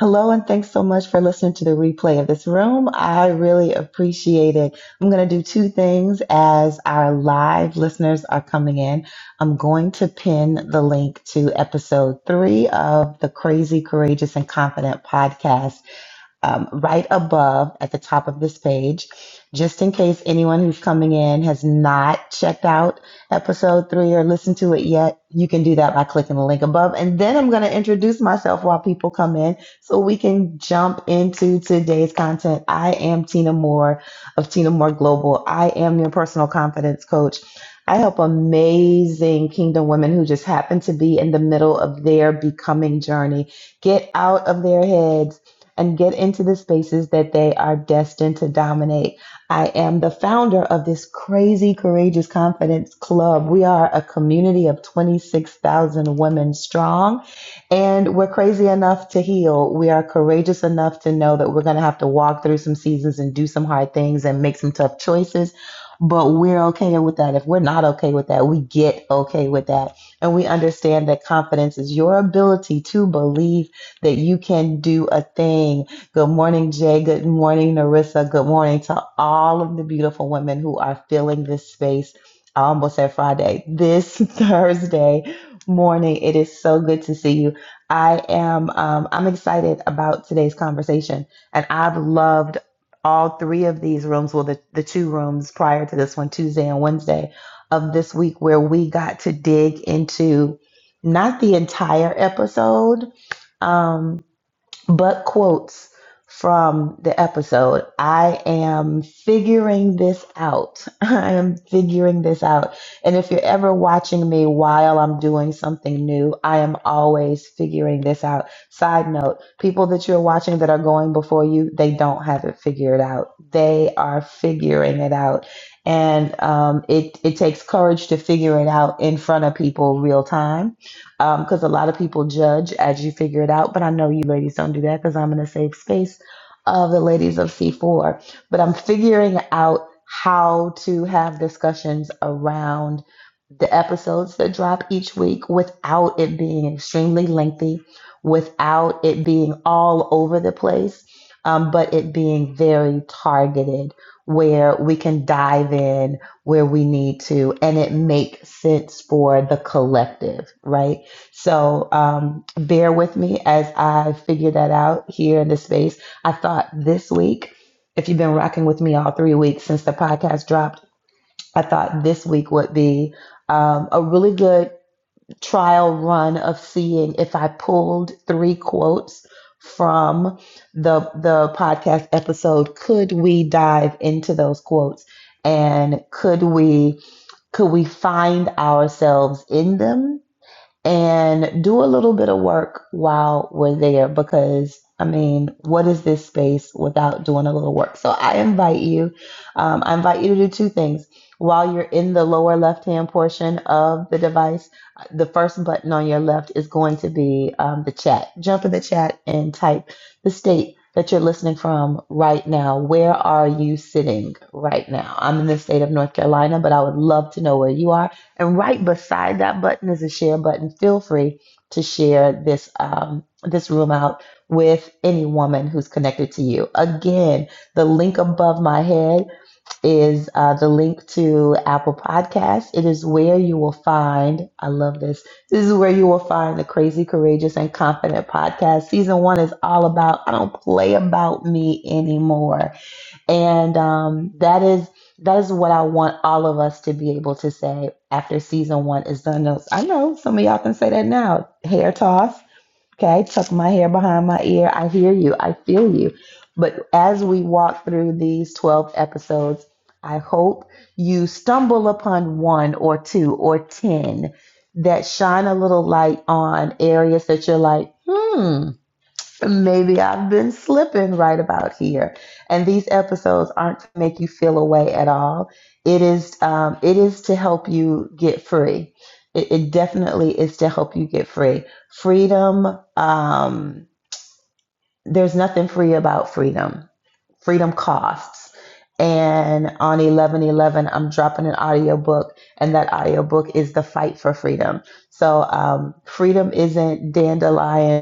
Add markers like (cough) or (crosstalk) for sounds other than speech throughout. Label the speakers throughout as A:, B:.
A: Hello, and thanks so much for listening to the replay of this room. I really appreciate it. I'm going to do two things as our live listeners are coming in. I'm going to pin the link to episode three of the Crazy, Courageous, and Confident podcast um, right above at the top of this page, just in case anyone who's coming in has not checked out episode three or listened to it yet. You can do that by clicking the link above. And then I'm going to introduce myself while people come in so we can jump into today's content. I am Tina Moore of Tina Moore Global. I am your personal confidence coach. I help amazing kingdom women who just happen to be in the middle of their becoming journey get out of their heads and get into the spaces that they are destined to dominate. I am the founder of this crazy courageous confidence club. We are a community of 26,000 women strong and we're crazy enough to heal. We are courageous enough to know that we're going to have to walk through some seasons and do some hard things and make some tough choices. But we're okay with that. If we're not okay with that, we get okay with that. And we understand that confidence is your ability to believe that you can do a thing. Good morning, Jay. Good morning, Narissa. Good morning to all of the beautiful women who are filling this space. I almost said Friday, this (laughs) Thursday morning. It is so good to see you. I am um, I'm excited about today's conversation, and I've loved all three of these rooms. Well, the, the two rooms prior to this one, Tuesday and Wednesday of this week, where we got to dig into not the entire episode. Um, but quotes from the episode. I am figuring this out. (laughs) I am figuring this out. And if you're ever watching me while I'm doing something new, I am always figuring this out. Side note, people that you're watching that are going before you, they don't have it figured out. They are figuring it out. And um, it, it takes courage to figure it out in front of people real time because a lot of people judge as you figure it out. But I know you ladies don't do that because I'm in a safe space of the ladies of C4. But I'm figuring out how to have discussions around the episodes that drop each week without it being extremely lengthy, without it being all over the place, um, but it being very targeted where we can dive in where we need to and it makes sense for the collective, right? So um, bear with me as I figure that out here in this space. I thought this week, if you've been rocking with me all three weeks since the podcast dropped, I thought this week would be um, a really good trial run of seeing if I pulled three quotes from the the podcast episode. Could we dive into those quotes and could we could we find ourselves in them? and do a little bit of work while we're there because I mean, what is this space without doing a little work? So I invite you, um, I invite you to do two things. While you're in the lower left hand portion of the device, the first button on your left is going to be um, the chat. Jump in the chat and type the state that you're listening from right now. Where are you sitting right now? I'm in the state of North Carolina, but I would love to know where you are and right beside that button is a share button. Feel free to share this um, this room out with any woman who's connected to you. Again, the link above my head is uh, the link to Apple Podcasts. It is where you will find. I love this. This is where you will find the Crazy, Courageous, and Confident podcast. Season one is all about. I don't play about me anymore. And um, that is that is what I want all of us to be able to say after season one is done. Now, I know some of y'all can say that now. Hair toss, okay, tuck my hair behind my ear. I hear you, I feel you. But as we walk through these twelve episodes, I hope you stumble upon one or two or ten that shine a little light on areas that you're like, hmm. Maybe I've been slipping right about here. And these episodes aren't to make you feel away at all. It is um, it is to help you get free. It, it definitely is to help you get free. Freedom, um, there's nothing free about freedom. Freedom costs. And on 1111, I'm dropping an audiobook, and that audiobook is The Fight for Freedom. So um, freedom isn't dandelion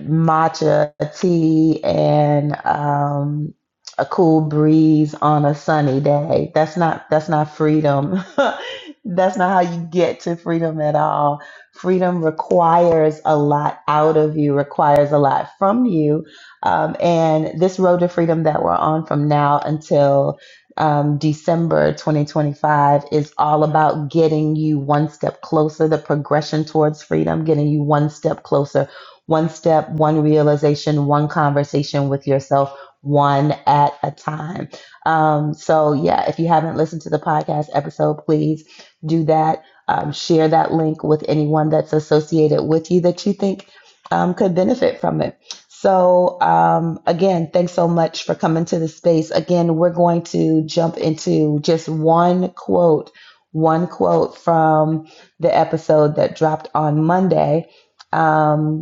A: matcha tea and um, a cool breeze on a sunny day. That's not that's not freedom. (laughs) that's not how you get to freedom at all. Freedom requires a lot out of you, requires a lot from you. Um, and this road to freedom that we're on from now until um, December 2025 is all about getting you one step closer, the progression towards freedom, getting you one step closer one step, one realization, one conversation with yourself, one at a time. Um, so, yeah, if you haven't listened to the podcast episode, please do that. Um, share that link with anyone that's associated with you that you think um, could benefit from it. So, um, again, thanks so much for coming to the space. Again, we're going to jump into just one quote, one quote from the episode that dropped on Monday. Um,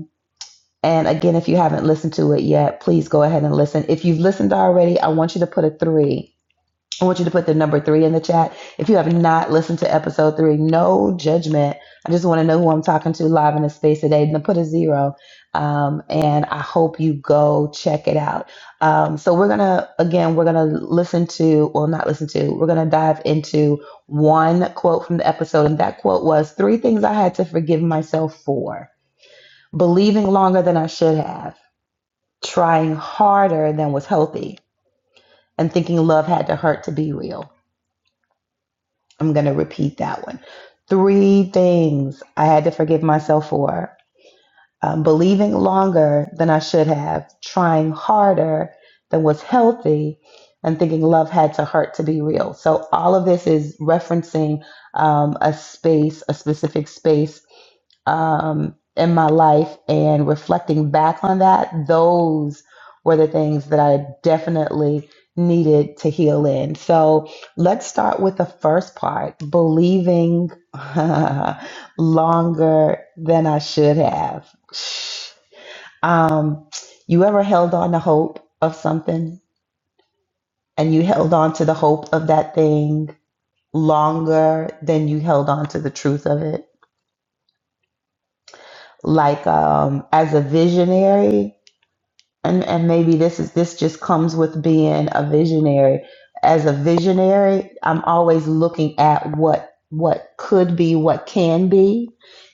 A: and again, if you haven't listened to it yet, please go ahead and listen. If you've listened already, I want you to put a three. I want you to put the number three in the chat. If you have not listened to episode three, no judgment. I just want to know who I'm talking to live in the space today. And put a zero. Um, and I hope you go check it out. Um, so we're gonna again, we're gonna listen to, well, not listen to. We're gonna dive into one quote from the episode, and that quote was three things I had to forgive myself for believing longer than I should have trying harder than was healthy and thinking love had to hurt to be real. I'm going to repeat that one. Three things I had to forgive myself for um, believing longer than I should have, trying harder than was healthy, and thinking love had to hurt to be real. So, all of this is referencing um, a space, a specific space um, in my life and reflecting back on that, those were the things that I definitely needed to heal in. So let's start with the first part believing (laughs) longer than I should have. Um, you ever held on to hope of something and you held on to the hope of that thing longer than you held on to the truth of it? Like um, as a visionary, and and maybe this is this just comes with being a visionary as a visionary i'm always looking at what what could be what can be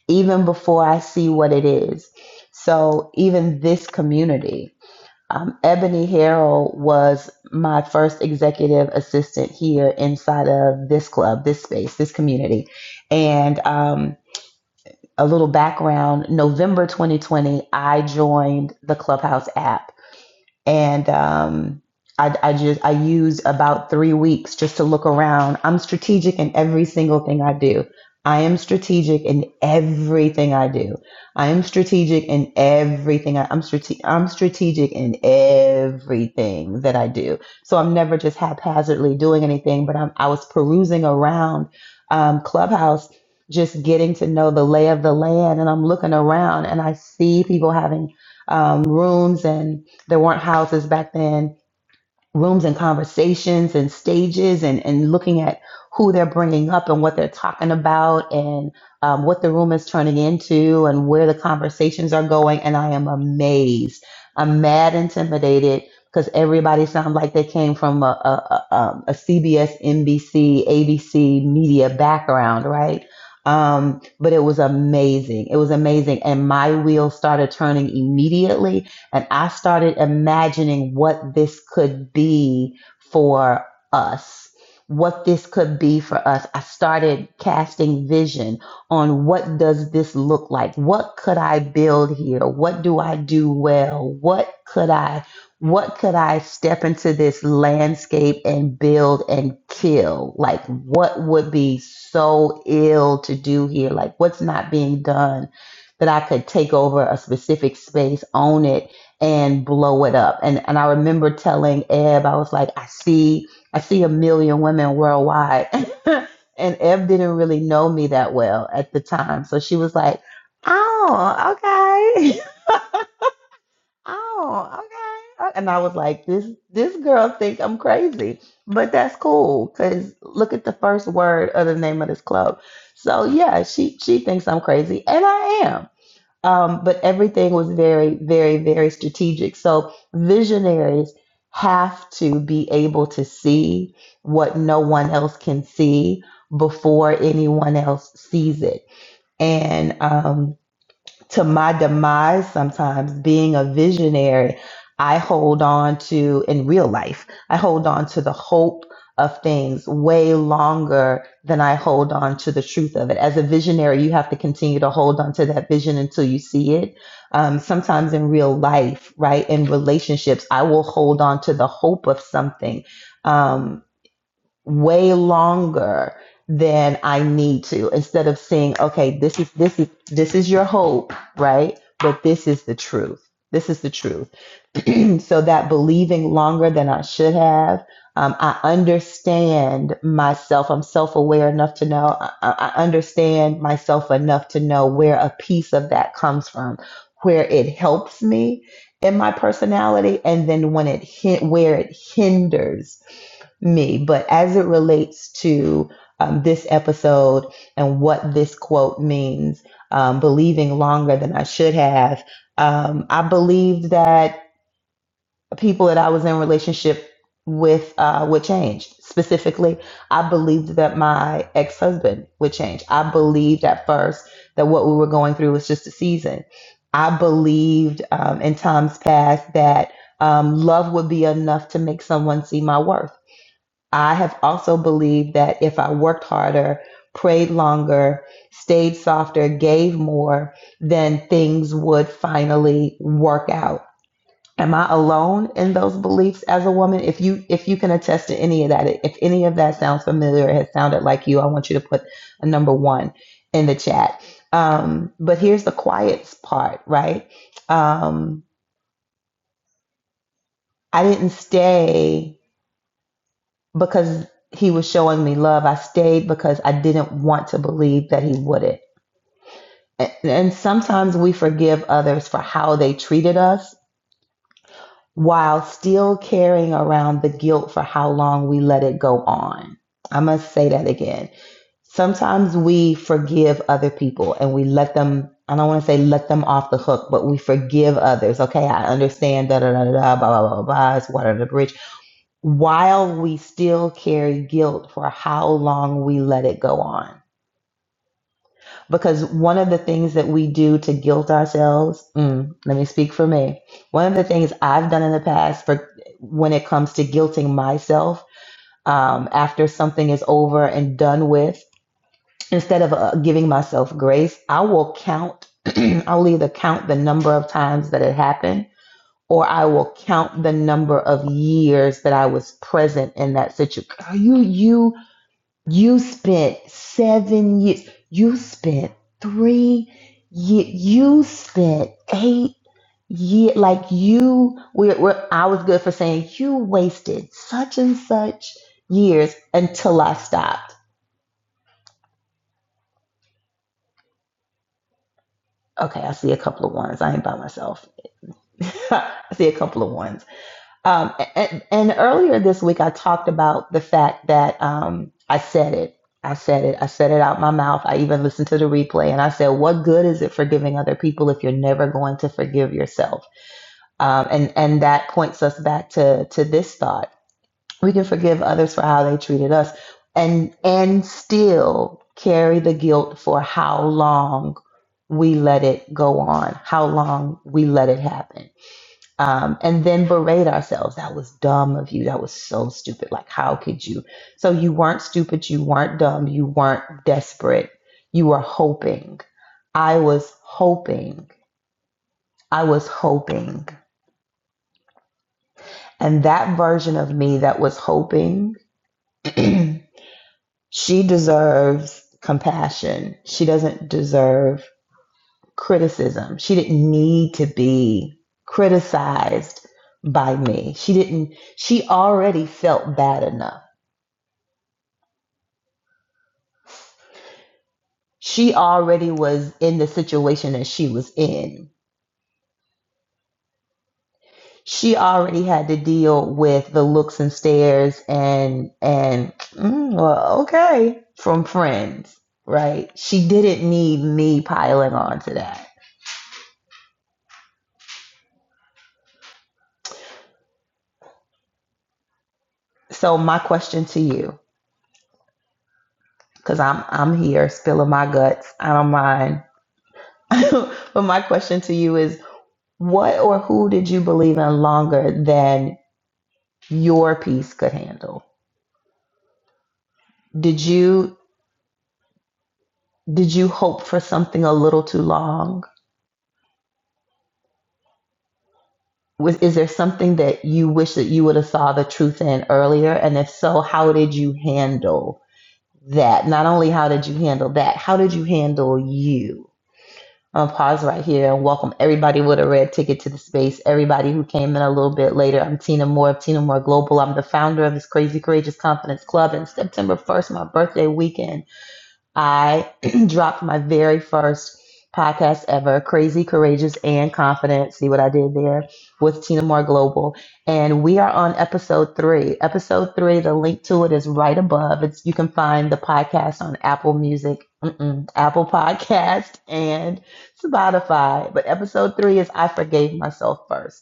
A: even before i see what it is so even this community um, ebony harrell was my first executive assistant here inside of this club this space this community and um, a little background november 2020 i joined the clubhouse app and um, I, I just I use about three weeks just to look around. I'm strategic in every single thing I do. I am strategic in everything I do. I am strategic in everything. I, I'm strate- I'm strategic in everything that I do. So I'm never just haphazardly doing anything. But I'm, I was perusing around um, Clubhouse, just getting to know the lay of the land, and I'm looking around and I see people having um, rooms and there weren't houses back then, rooms and conversations and stages and, and looking at who they're bringing up and what they're talking about and um, what the room is turning into and where the conversations are going. And I am amazed. I'm mad intimidated because everybody sounds like they came from a, a, um, CBS, NBC, ABC media background, right? Um, but it was amazing. It was amazing. And my wheels started turning immediately and I started imagining what this could be for us, what this could be for us. I started casting vision on what does this look like? What could I build here? What do I do well? What could I what could I step into this landscape and build and kill? Like what would be so ill to do here? Like what's not being done that I could take over a specific space, own it and blow it up. And and I remember telling Eb, I was like, I see, I see a million women worldwide. (laughs) and Eb didn't really know me that well at the time. So she was like, Oh, okay. (laughs) oh, okay. And I was like, this this girl think I'm crazy. But that's cool because look at the first word of the name of this club. So yeah, she she thinks I'm crazy, and I am um, but everything was very, very, very strategic. So visionaries have to be able to see what no one else can see before anyone else sees it. And um, to my demise sometimes being a visionary i hold on to in real life i hold on to the hope of things way longer than i hold on to the truth of it as a visionary you have to continue to hold on to that vision until you see it um, sometimes in real life right in relationships i will hold on to the hope of something Um, way longer than I need to instead of seeing, okay, this is this is this is your hope, right? But this is the truth. This is the truth. (clears throat) so that believing longer than I should have, um, I understand myself. I'm self aware enough to know, I, I understand myself enough to know where a piece of that comes from, where it helps me in my personality, and then when it hin- where it hinders me. But as it relates to um, this episode and what this quote means, um, believing longer than I should have, um, I believed that people that I was in relationship with uh, would change. Specifically, I believed that my ex husband would change. I believed at first that what we were going through was just a season. I believed um, in times past that um, love would be enough to make someone see my worth. I have also believed that if I worked harder, prayed longer, stayed softer, gave more, then things would finally work out. Am I alone in those beliefs as a woman? If you if you can attest to any of that, if any of that sounds familiar, it has sounded like you, I want you to put a number one in the chat. Um, but here's the quiet part, right? Um, I didn't stay because he was showing me love. I stayed because I didn't want to believe that he wouldn't. And sometimes we forgive others for how they treated us while still carrying around the guilt for how long we let it go on. I must say that again. Sometimes we forgive other people and we let them, I don't want to say let them off the hook, but we forgive others. Okay, I understand, da da da da, da, blah, blah, blah, blah, blah, it's water under the bridge while we still carry guilt for how long we let it go on. Because one of the things that we do to guilt ourselves, mm, let me speak for me. One of the things I've done in the past for when it comes to guilting myself um, after something is over and done with, instead of uh, giving myself grace, I will count. (clears throat) I'll either count the number of times that it happened, or I will count the number of years that I was present in that situation. You, you You spent seven years. You spent three years. You spent eight years. Like you, we're, we're, I was good for saying you wasted such and such years until I stopped. Okay, I see a couple of ones. I ain't by myself. (laughs) I see a couple of ones. Um, and, and earlier this week, I talked about the fact that um, I said it. I said it. I said it out my mouth. I even listened to the replay and I said, What good is it forgiving other people if you're never going to forgive yourself? Um, and, and that points us back to, to this thought. We can forgive others for how they treated us and, and still carry the guilt for how long we let it go on, how long we let it happen um, and then berate ourselves. That was dumb of you. That was so stupid. Like, how could you? So, you weren't stupid. You weren't dumb. You weren't desperate. You were hoping. I was hoping. I was hoping. And that version of me that was hoping, (clears throat) she deserves compassion. She doesn't deserve criticism. She didn't need to be criticized by me. She didn't, she already felt bad enough She already was in the situation that she was in. She already had to deal with the looks and stares and and mm, well, okay from friends, right? She didn't need me piling on to that. So my question to you, because I'm I'm here spilling my guts, I don't mind. (laughs) but my question to you is, what or who did you believe in longer than your piece could handle? Did you? Did you hope for something a little too long? Was is there something that you wish that you would have saw the truth in earlier? And if so, how did you handle that? Not only how did you handle that, how did you handle you? I'm gonna pause right here and welcome everybody with a red ticket to the space. Everybody who came in a little bit later. I'm Tina Moore of Tina Moore Global. I'm the founder of this Crazy Courageous Confidence Club. And September 1st, my birthday weekend. I (clears throat) dropped my very first podcast ever, Crazy, Courageous, and Confident. See what I did there with Tina Moore Global. And we are on episode three. Episode three, the link to it is right above. It's you can find the podcast on Apple Music, mm-mm, Apple Podcast, and Spotify. But episode three is I Forgave Myself First.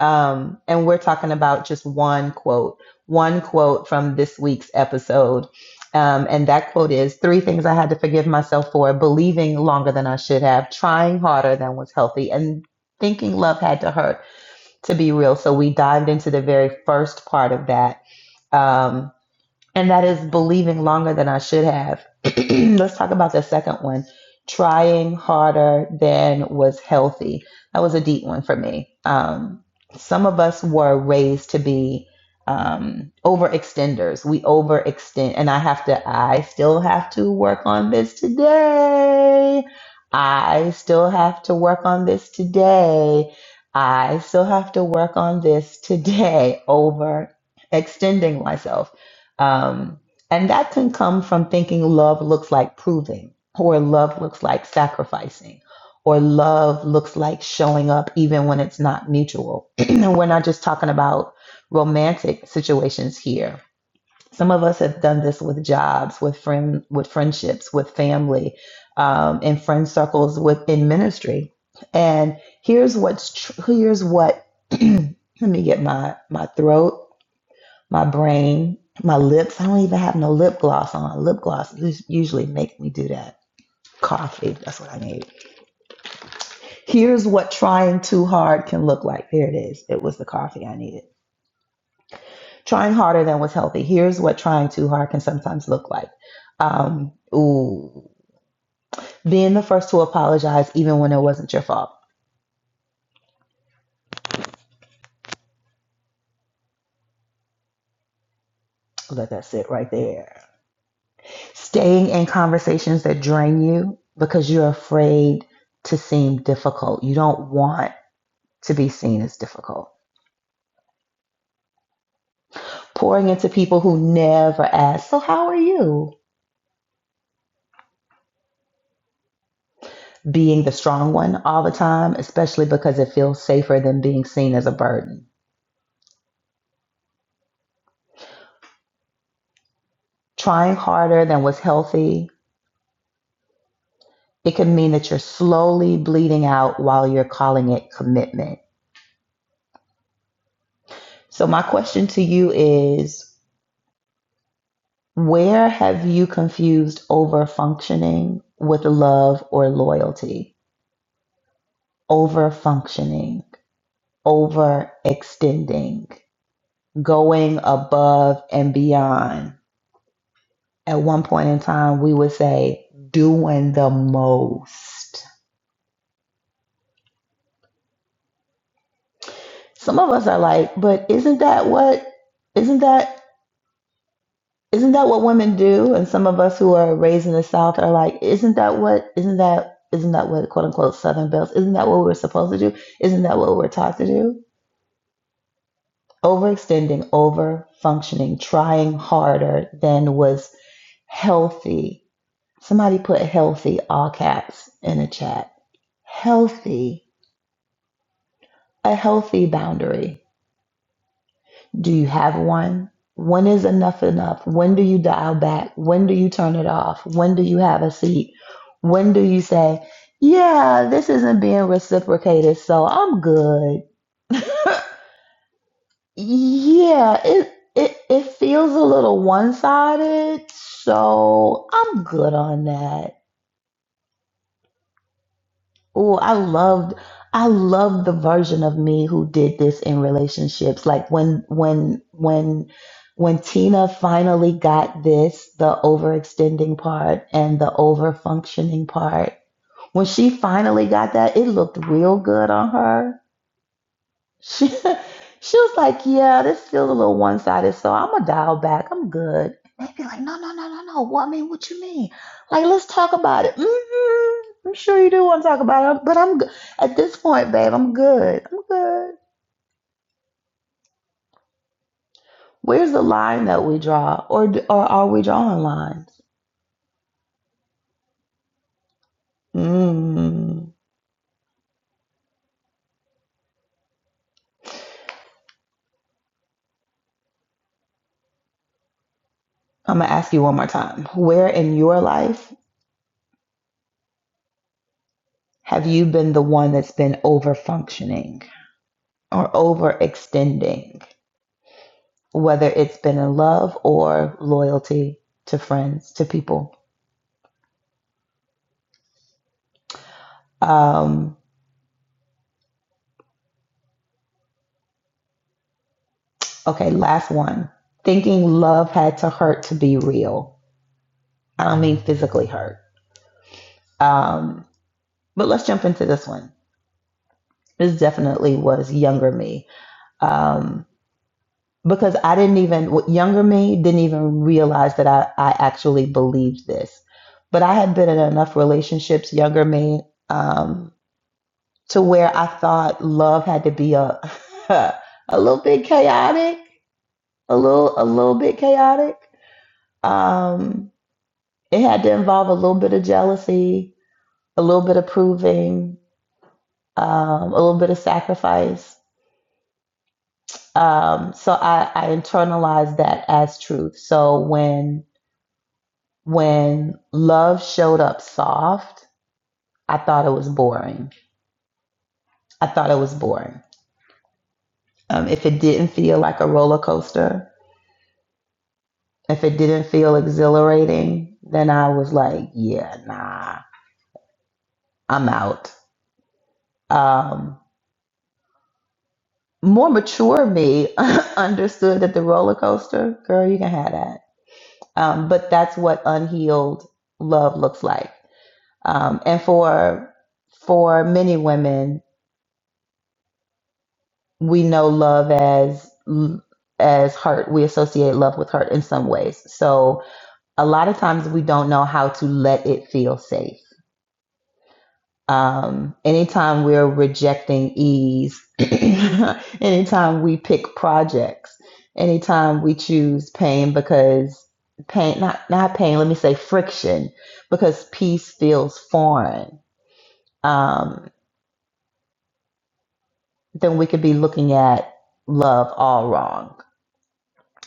A: Um, and we're talking about just one quote, one quote from this week's episode. Um, and that quote is Three things I had to forgive myself for believing longer than I should have, trying harder than was healthy, and thinking love had to hurt to be real. So we dived into the very first part of that. Um, and that is believing longer than I should have. (clears throat) Let's talk about the second one trying harder than was healthy. That was a deep one for me. Um, some of us were raised to be um, overextenders. We overextend, and I have to, I still have to work on this today. I still have to work on this today. I still have to work on this today (laughs) Overextending myself um, and that can come from thinking love looks like proving, or love looks like sacrificing, or love looks like showing up even when it's not mutual. (clears throat) and we're not just talking about romantic situations here. Some of us have done this with jobs, with friend, with friendships, with family, um, in friend circles, within ministry. And here's what's tr- here's what. (clears throat) let me get my my throat my brain, my lips. I don't even have no lip gloss on. Lip gloss usually make me do that. Coffee, that's what I need. Here's what trying too hard can look like. There it is. It was the coffee I needed. Trying harder than was healthy. Here's what trying too hard can sometimes look like. Um, ooh, being the first to apologize even when it wasn't your fault. Let that sit right there. Staying in conversations that drain you because you're afraid to seem difficult. You don't want to be seen as difficult. Pouring into people who never ask, So, how are you? Being the strong one all the time, especially because it feels safer than being seen as a burden. Trying harder than what's healthy, it can mean that you're slowly bleeding out while you're calling it commitment. So, my question to you is where have you confused over functioning with love or loyalty? Over functioning, over extending going above and beyond. At one point in time, we would say doing the most. Some of us are like, but isn't that what isn't that isn't that what women do? And some of us who are raised in the South are like, isn't that what isn't that isn't that what quote unquote Southern Bells, isn't that what we're supposed to do? Isn't that what we're taught to do? Overextending, over functioning, trying harder than was healthy Somebody put healthy all caps in the chat. healthy, a healthy boundary. Do you have one? When is enough enough? When do you dial back? When do you turn it off? When do you have a seat? When do you say, yeah, this isn't being reciprocated, so I'm good? (laughs) Yeah, it it it feels a little one-sided, so I'm good on that. Oh, I loved I loved the version of me who did this in relationships. Like when when when when Tina finally got this, the overextending part and the overfunctioning part. When she finally got that, it looked real good on her. She (laughs) she was like, Yeah, this feels a little one sided, so I'm gonna dial back. I'm good. And they'd be like, No, no, no, no, no. What I mean, what you mean? Like, let's talk about it. Mm-hmm. I'm sure you do want to talk about it, but I'm good. At this point, babe, I'm good. I'm good. Where's the line that we draw, or d- or are we drawing lines? Mm. I'm gonna ask you one more time. Where in your life have you been the one that's been over functioning or overextending? whether it's been in love or loyalty to friends, to people. Um, okay, last one. Thinking love had to hurt to be real. I don't mean physically hurt. Um, but let's jump into this one. This definitely was younger me. Um, because I didn't even, well, younger me didn't even realize that I, I actually believed this. But I had been in enough relationships, younger me, um, to where I thought love had to be a (laughs) a little bit chaotic, a little a little bit chaotic. Um, it had to involve a little bit of jealousy, a little bit of proving, um, a little bit of sacrifice. Um, so I, I internalized that as truth. So when when love showed up soft, I thought it was boring. I thought it was boring. Um, if it didn't feel like a roller coaster, If it didn't feel exhilarating, then I was like, yeah, nah, I'm out. Um, more mature me (laughs) understood that the roller coaster, girl, you can have that. Um, but that's what unhealed love looks like. Um, and for for many women, we know love as as hurt. We associate love with hurt in some ways. So a lot of times we don't know how to let it feel safe Um, anytime we're rejecting ease, (clears throat) anytime we pick projects, anytime we choose pain because pain, not, not pain, let me say friction, because peace feels foreign, um, then we could be looking at love all wrong.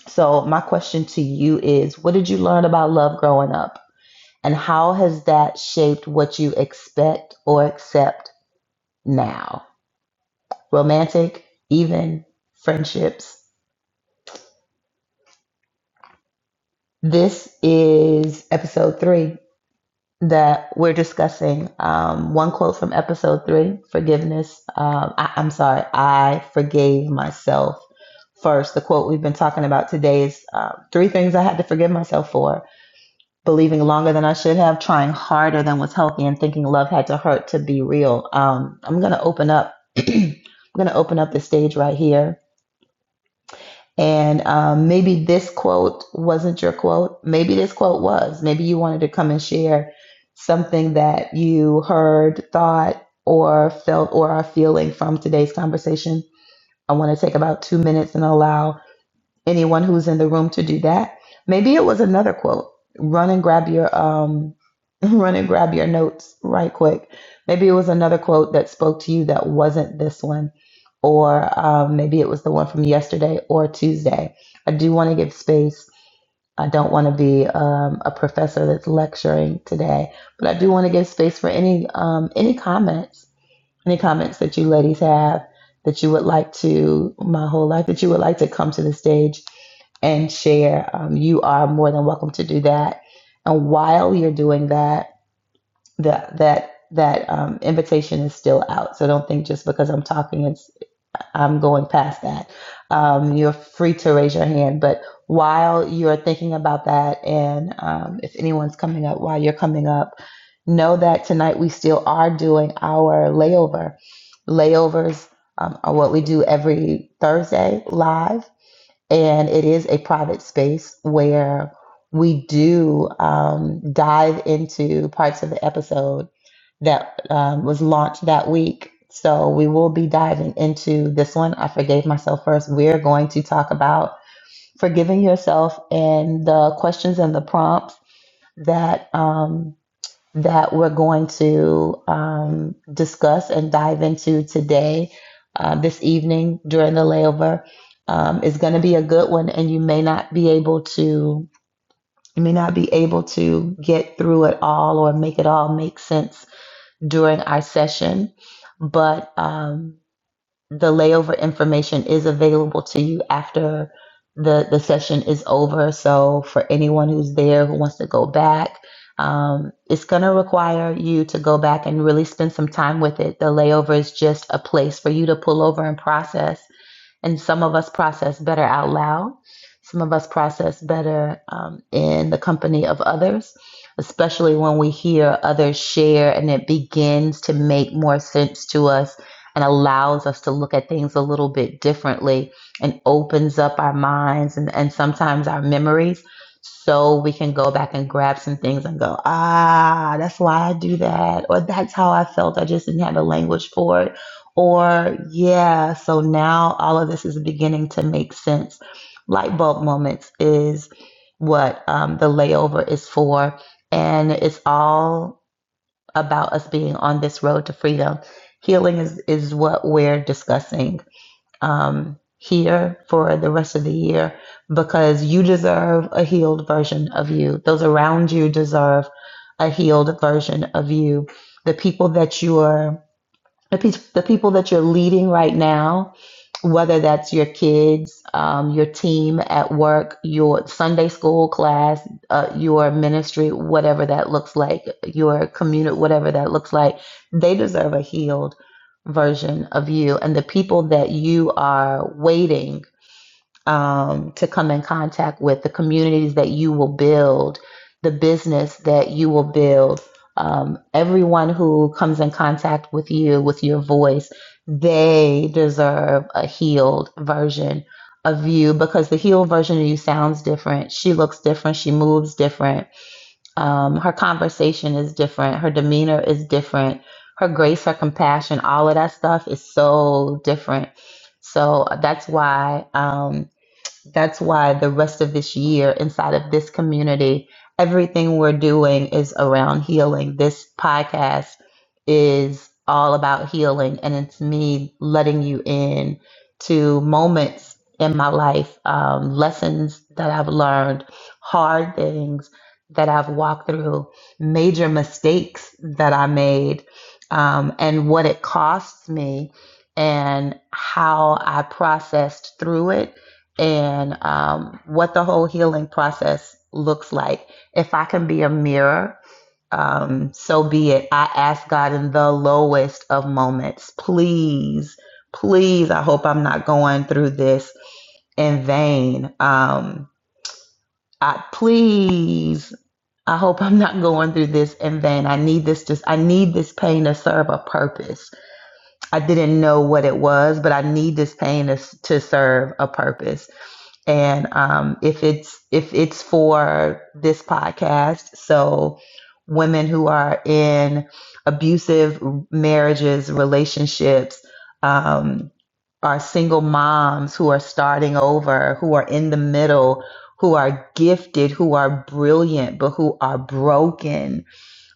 A: So, my question to you is what did you learn about love growing up? And how has that shaped what you expect or accept now? romantic, even friendships. This is episode three that we're discussing. Um, one quote from episode three forgiveness. Um, I, I'm sorry, I forgave myself first. The quote we've been talking about today is uh, three things I had to forgive myself for believing longer than I should have, trying harder than was healthy, and thinking love had to hurt to be real. Um, I'm going to open up. (clears throat) I'm going to open up the stage right here And um, maybe this quote wasn't your quote. Maybe this quote was. Maybe you wanted to come and share something that you heard, thought, or felt, or are feeling from today's conversation. I want to take about two minutes and allow anyone who's in the room to do that. Maybe it was another quote. Run and grab your um (laughs) run and grab your notes right quick. Maybe it was another quote that spoke to you that wasn't this one or um, maybe it was the one from yesterday or Tuesday. I do want to give space. I don't want to be um, a professor that's lecturing today, but I do want to give space for any um, any comments any comments that you ladies have that you would like to, my whole life, that you would like to come to the stage and share, um, you are more than welcome to do that. And while you're doing that, the, that that um, invitation is still out. So don't think just because I'm talking and I'm going past that. Um, you're free to raise your hand, but while you're thinking about that, and um, if anyone's coming up while you're coming up, know that tonight we still are doing our layover. Layovers um, are what we do every Thursday live, and it is a private space where we do um, dive into parts of the episode that um, was launched that week. So we will be diving into this one. I forgave myself first. We are going to talk about forgiving yourself and the questions and the prompts that um, that we're going to um, discuss and dive into today, uh, this evening during the layover. Um, is going to be a good one, and you may not be able to you may not be able to get through it all or make it all make sense during our session, but um, the layover information is available to you after the, the session is over. So, for anyone who's there who wants to go back, um, it's going to require you to go back and really spend some time with it. The layover is just a place for you to pull over and process and some of us process better out loud. Some of us process better um, in the company of others, especially when we hear others share and it begins to make more sense to us and allows us to look at things a little bit differently and opens up our minds and, and sometimes our memories so we can go back and grab some things and go, ah, that's why I do that. Or that's how I felt. I just didn't have the language for it or, yeah, so now all of this is beginning to make sense. Light bulb moments is what um, the layover is for. And it's all about us being on this road to freedom. Healing is, is what we're discussing um, here for the rest of the year because you deserve a healed version of you. Those around you deserve a healed version of you. The people that you are the, people that you're leading right now, whether that's your kids, um, your team at work, your Sunday school class, uh, your ministry, whatever that looks like, your community, whatever that looks like, they deserve a healed version of you. And the people that you are waiting um, to come in contact with, the communities that you will build, the business that you will build. Um, everyone who comes in contact with you, with your voice, they deserve a healed version of you because the healed version of you sounds different. She looks different. She moves different. Um, her conversation is different. Her demeanor is different. Her grace, her compassion, all of that stuff is so different. So that's why. Um, that's why the rest of this year inside of this community, everything we're doing is around healing. This podcast is all about healing, and it's me letting you in to moments in my life, um, lessons that I've learned, hard things that I've walked through, major mistakes that I made, um, and what it costs me and how I processed through it and um, what the whole healing process looks like. If I can be a mirror, um, so be it. I ask God in the lowest of moments, please, please. I hope I'm not going through this in vain. Um, I please. I hope I'm not going through this in vain. I need this just I need this pain to serve a purpose. I didn't know what it was, but I need this pain to, to serve a purpose and um, if it's if it's for this podcast so women who are in abusive marriages relationships um, are single moms who are starting over who are in the middle who are gifted who are brilliant but who are broken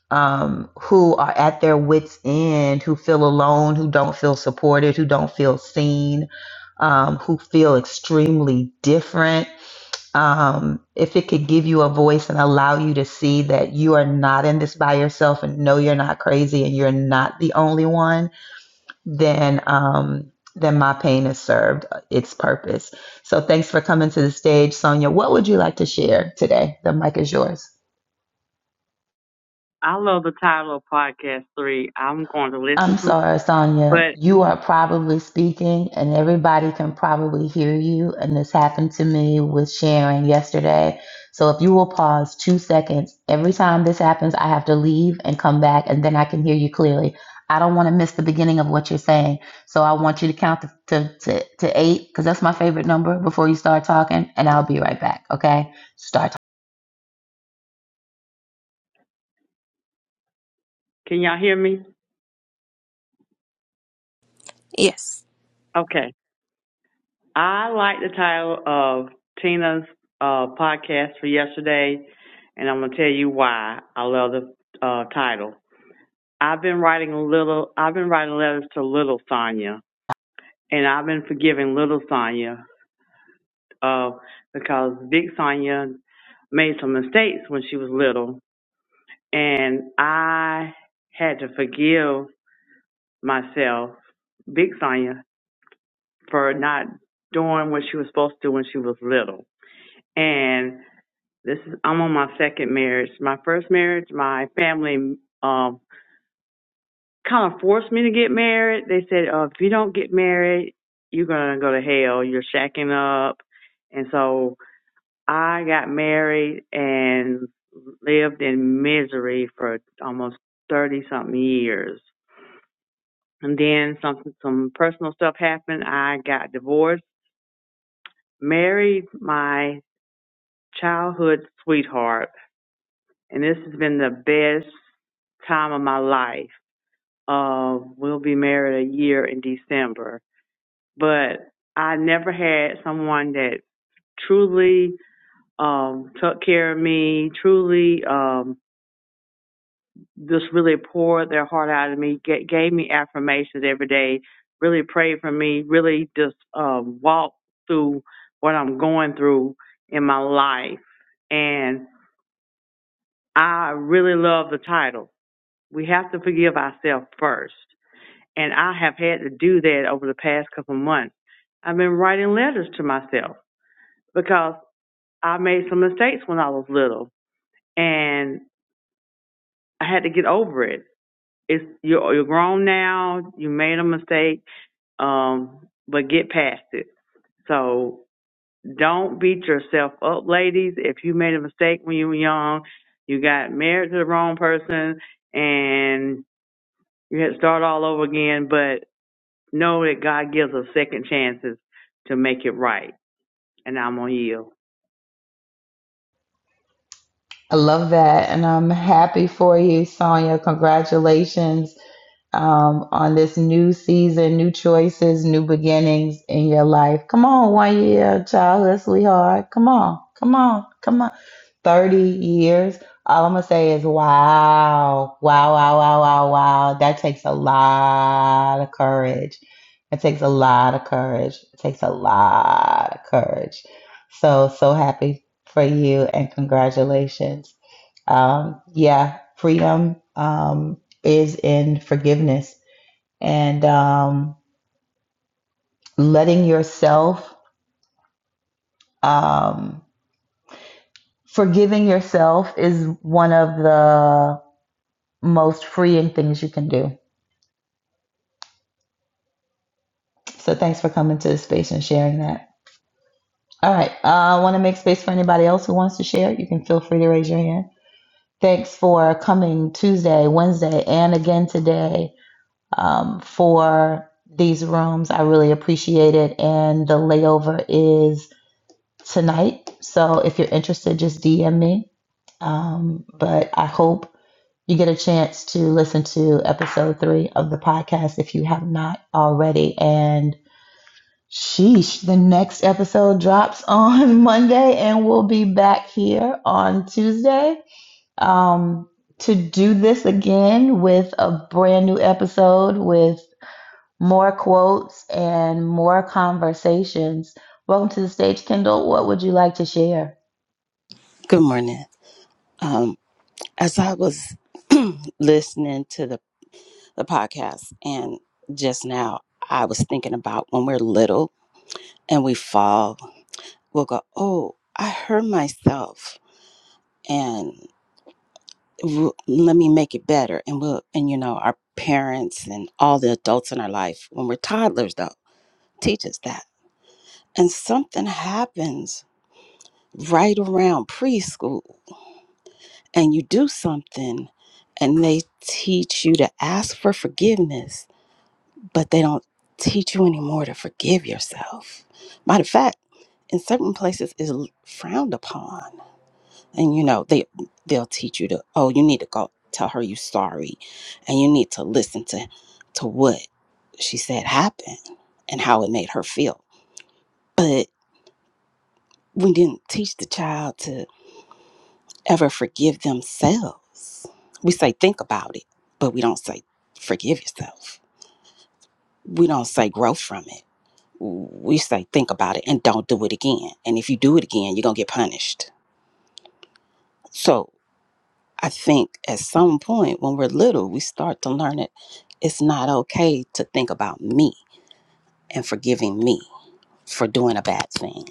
A: um, who are at their wits' end, who feel alone, who don't feel supported, who don't feel seen, um, who feel extremely different. Um, if it could give you a voice and allow you to see that you are not in this by yourself and no, you're not crazy and you're not the only one, then um, then my pain has served its purpose. So thanks for coming to the stage, Sonia. What would you like to share today? The mic is yours.
B: I love the title of podcast three. I'm going to listen
A: I'm
B: to it.
A: sorry, Sonia.
B: But
A: You are probably speaking, and everybody can probably hear you. And this happened to me with Sharon yesterday. So if you will pause two seconds, every time this happens, I have to leave and come back, and then I can hear you clearly. I don't want to miss the beginning of what you're saying. So I want you to count to, to, to, to eight, because that's my favorite number, before you start talking, and I'll be right back. Okay? Start. talking.
B: can y'all hear me?
C: Yes.
B: Okay. I like the title of Tina's uh, podcast for yesterday, and I'm going to tell you why I love the uh, title. I've been writing a little. I've been writing letters to little Sonya, and I've been forgiving little Sonya uh, because big Sonya made some mistakes when she was little, and I had to forgive myself Big Sonya for not doing what she was supposed to when she was little. And this is I'm on my second marriage. My first marriage, my family um kind of forced me to get married. They said, uh, if you don't get married, you're gonna go to hell. You're shacking up. And so I got married and lived in misery for almost thirty something years. And then some some personal stuff happened. I got divorced married my childhood sweetheart, and this has been the best time of my life. Uh, we'll be married a year in December, but I never had someone that truly um, took care of me, truly um, just really poured their heart out of me, ga- gave me affirmations every day, really prayed for me, really just um, walked through what I'm going through in my life. and I really love the title. We have to forgive ourselves first. And I have had to do that over the past couple of months. I've been writing letters to myself because I made some mistakes when I was little and I had to get over it. It's you're, you're grown now, you made a mistake, um, but get past it. So don't beat yourself up, ladies. If you made a mistake when you were young, you got married to the wrong person, and You had to start all over again, but know that God gives us second chances to make it right. And I'm on yield.
A: I love that. And I'm happy for you, Sonia. Congratulations um, on this new season, new choices, new beginnings in your life. Come on, one year, childhood sweetheart. Come on, come on, come on. 30 years, all I'm gonna say is wow, wow, wow, wow, wow, wow. That takes a lot of courage. It takes a lot of courage. It takes a lot of courage. So, so happy for you and congratulations. Um, yeah, freedom um, is in forgiveness and um, letting yourself, um, forgiving yourself is one of the most freeing things you can do. So thanks for coming to the space and sharing that. All right. Uh, I want to make space for anybody else who wants to share. You can feel free to raise your hand. Thanks for coming Tuesday, Wednesday, and again today um, for these rooms. I really appreciate it. And the layover is tonight. So if you're interested, just DM me. Um, but I hope you get a chance to listen to episode three of the podcast if you have not already. And Sheesh, the next episode drops (laughs) on Monday and we'll be back here on Tuesday um, to do this again with a brand new episode with more quotes and more conversations. Welcome to the stage, Kendall. What would you like to share?
D: Good morning. Um, as I was (clears throat) listening to the, the podcast and just now, I was thinking about when we're little and we fall, we'll go, Oh, I hurt myself and w- let me make it better. And we'll, and you know, our parents and all the adults in our life, when we're toddlers though, teach us that. And something happens right around preschool and you do something and they teach you to ask for forgiveness, but they don't teach you anymore to forgive yourself. Matter of fact, in certain places is frowned upon. And you know, they they'll teach you to, oh, you need to go tell her you sorry and you need to listen to to what she said happened and how it made her feel. But we didn't teach the child to. ever forgive themselves. We say, think about it, but we don't say, forgive yourself. We don't say, grow from it. We say, think about it and don't do it again. And if you do it again, you're going to get punished. So I think at some point when we're little, we start to learn it. It's not okay to think about me and forgiving me for doing a bad thing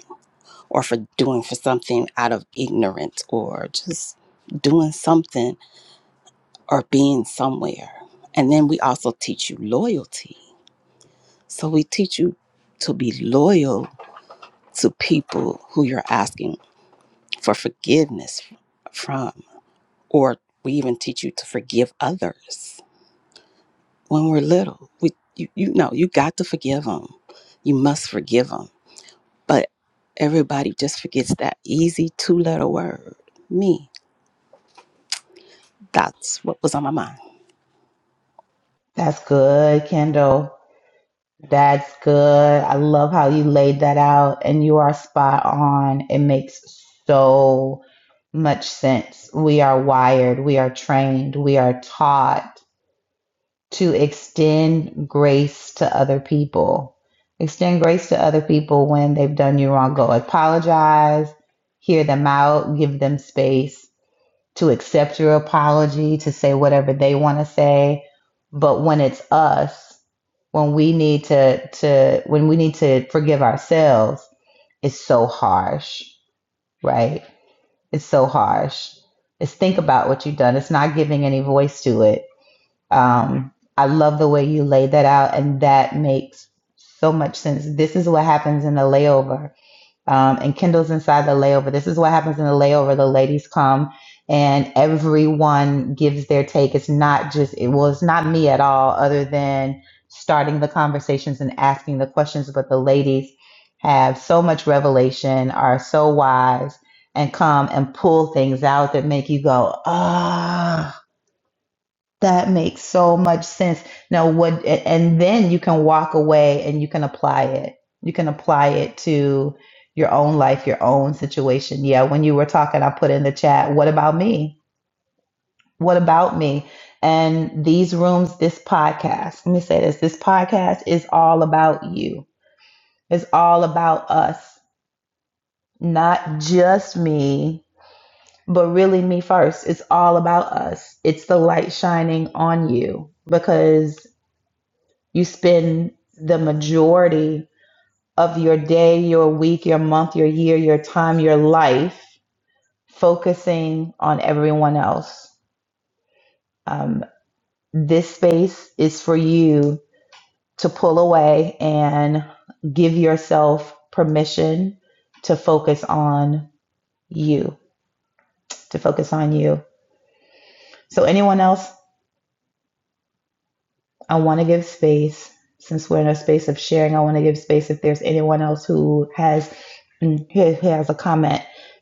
D: or for doing for something out of ignorance or just doing something or being somewhere. And then we also teach you loyalty. So we teach you to be loyal to people who you're asking for forgiveness from, or we even teach you to forgive others. When we're little, we you, you know you got to forgive them. You must forgive them. But everybody just forgets that easy two-letter word, me. That's what was on my mind.
A: That's good, Kendall. That's good. I love how you laid that out, and you are spot on. It makes so much sense. We are wired, we are trained, we are taught to extend grace to other people. Extend grace to other people when they've done you wrong. Go apologize, hear them out, give them space to accept your apology, to say whatever they want to say. But when it's us, when we need to to when we need to forgive ourselves, it's so harsh, right? It's so harsh. It's think about what you've done. It's not giving any voice to it. Um, I love the way you laid that out, and that makes so much sense. This is what happens in the layover um, and Kendall's inside the layover. This is what happens in the layover. The ladies come and everyone gives their take. It's not just, it, well, it's not me at all, other than starting the conversations and asking the questions. But the ladies have so much revelation, are so wise, and come and pull things out that make you go, ah that makes so much sense. Now, what, and then you can walk away and you can apply it. You can apply it to your own life, your own situation. Yeah, when you were talking, I put in the chat, what about me? What about me? And these rooms, this podcast, let me say this this podcast is all about you, it's all about us, not just me, but really me first. It's all about us. It's the light shining on you because You spend the majority of your day, your week, your month, your year, your time, your life focusing on everyone else. Um, this space is for you to pull away and give yourself permission to focus on you, to focus on you. So, anyone else? I want to give space since we're in a space of sharing. I want to give space if there's anyone else who has mm, who who has a comment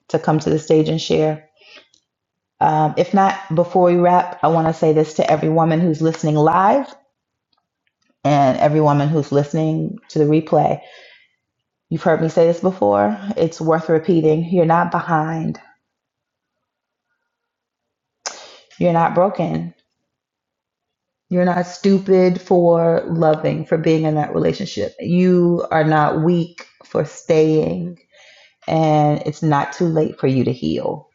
A: to come to the stage and share. Um, if not, before we wrap, I want to say this to every woman who's listening live and every woman who's listening to the replay. You've heard me say this before. It's worth repeating. You're not behind. You're not broken. You're not stupid for loving, for being in that relationship. You are not weak for staying and it's not too late for you to heal.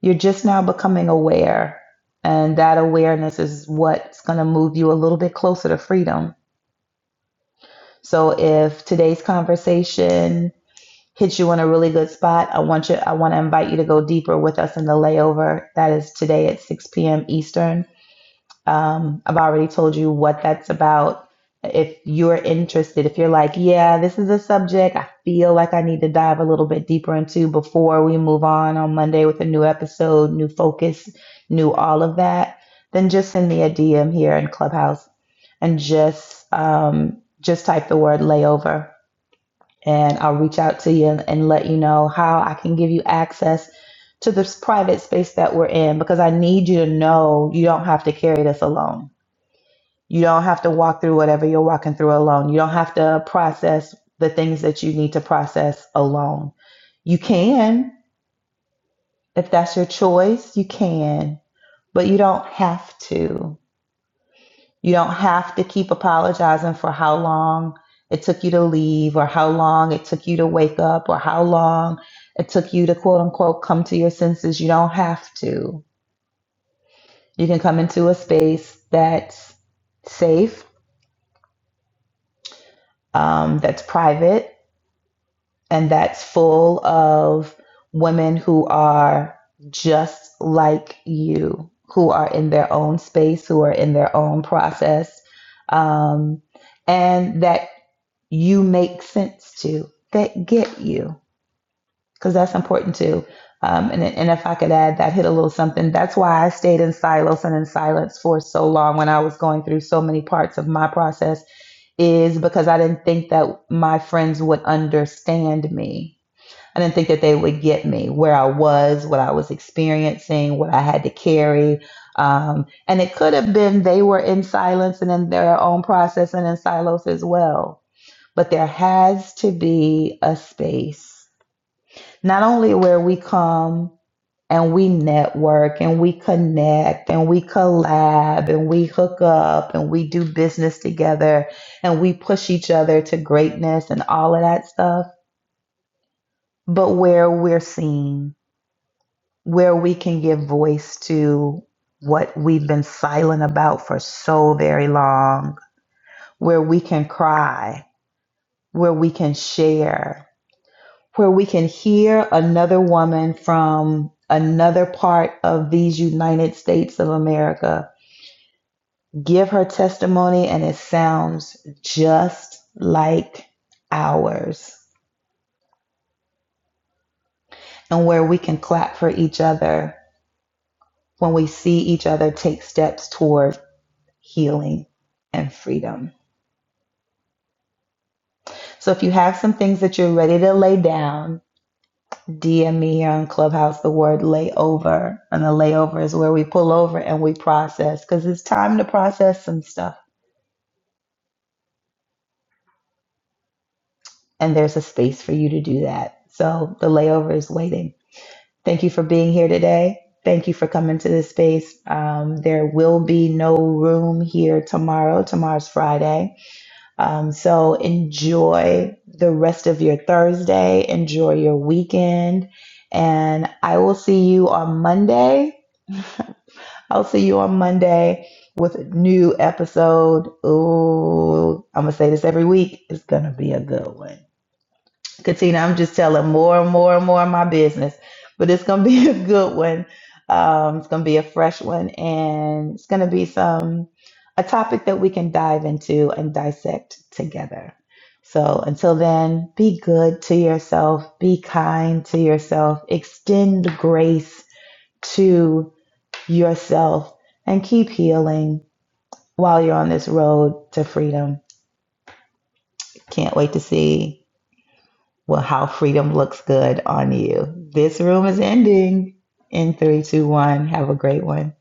A: You're just now becoming aware, and that awareness is what's going to move you a little bit closer to freedom. So if today's conversation hits you in a really good spot, I want you I want to invite you to go deeper with us in the layover. That is today at 6 p.m. Eastern. Um, I've already told you what that's about. If you're interested, if you're like, yeah, this is a subject I feel like I need to dive a little bit deeper into before we move on on Monday with a new episode, new focus, new all of that, then just send me a DM here in Clubhouse and just um, just type the word layover, and I'll reach out to you and, and let you know how I can give you access to this private space that we're in because I need you to know you don't have to carry this alone you don't have to walk through whatever you're walking through alone. You don't have to process the things that you need to process alone. You can, if that's your choice, you can, but you don't have to. You don't have to keep apologizing for how long it took you to leave or how long it took you to wake up or how long it took you to quote unquote come to your senses. You don't have to. You can come into a space that's safe, um, that's private, and that's full of women who are just like you, who are in their own space, who are in their own process, um, and that you make sense to, that get you, because that's important too. Um, and, and if I could add that, hit a little something. That's why I stayed in silos and in silence for so long when I was going through so many parts of my process, is because I didn't think that my friends would understand me I didn't think that they would get me where I was, what I was experiencing, what I had to carry. Um, and it could have been they were in silence and in their own process and in silos as well. But there has to be a space, not only where we come and we network and we connect and we collab and we hook up and we do business together and we push each other to greatness and all of that stuff, but where we're seen where we can give voice to what we've been silent about for so very long, where we can cry, where we can share, where we can hear another woman from another part of these United States of America give her testimony and it sounds just like ours, and where we can clap for each other when we see each other take steps toward healing and freedom. So if you have some things that you're ready to lay down, DM me here on Clubhouse the word layover. And the layover is where we pull over and we process because it's time to process some stuff. And there's a space for you to do that. So the layover is waiting. Thank you for being here today. Thank you for coming to this space. Um, there will be no room here tomorrow. Tomorrow's Friday. Um, so enjoy the rest of your Thursday, enjoy your weekend, and I will see you on Monday. I'll see you on Monday with a new episode. Ooh, I'm gonna say this every week. It's gonna be a good one. Katina, I'm just telling more and more and more of my business, but it's going to (laughs) be a good one. Um, it's going to be a fresh one, and it's going to be some a topic that we can dive into and dissect together. So until then, be good to yourself, be kind to yourself, extend grace to yourself, and keep healing while you're on this road to freedom. Can't wait to see well, how freedom looks good on you. This room is ending in three, two, one. Have a great one.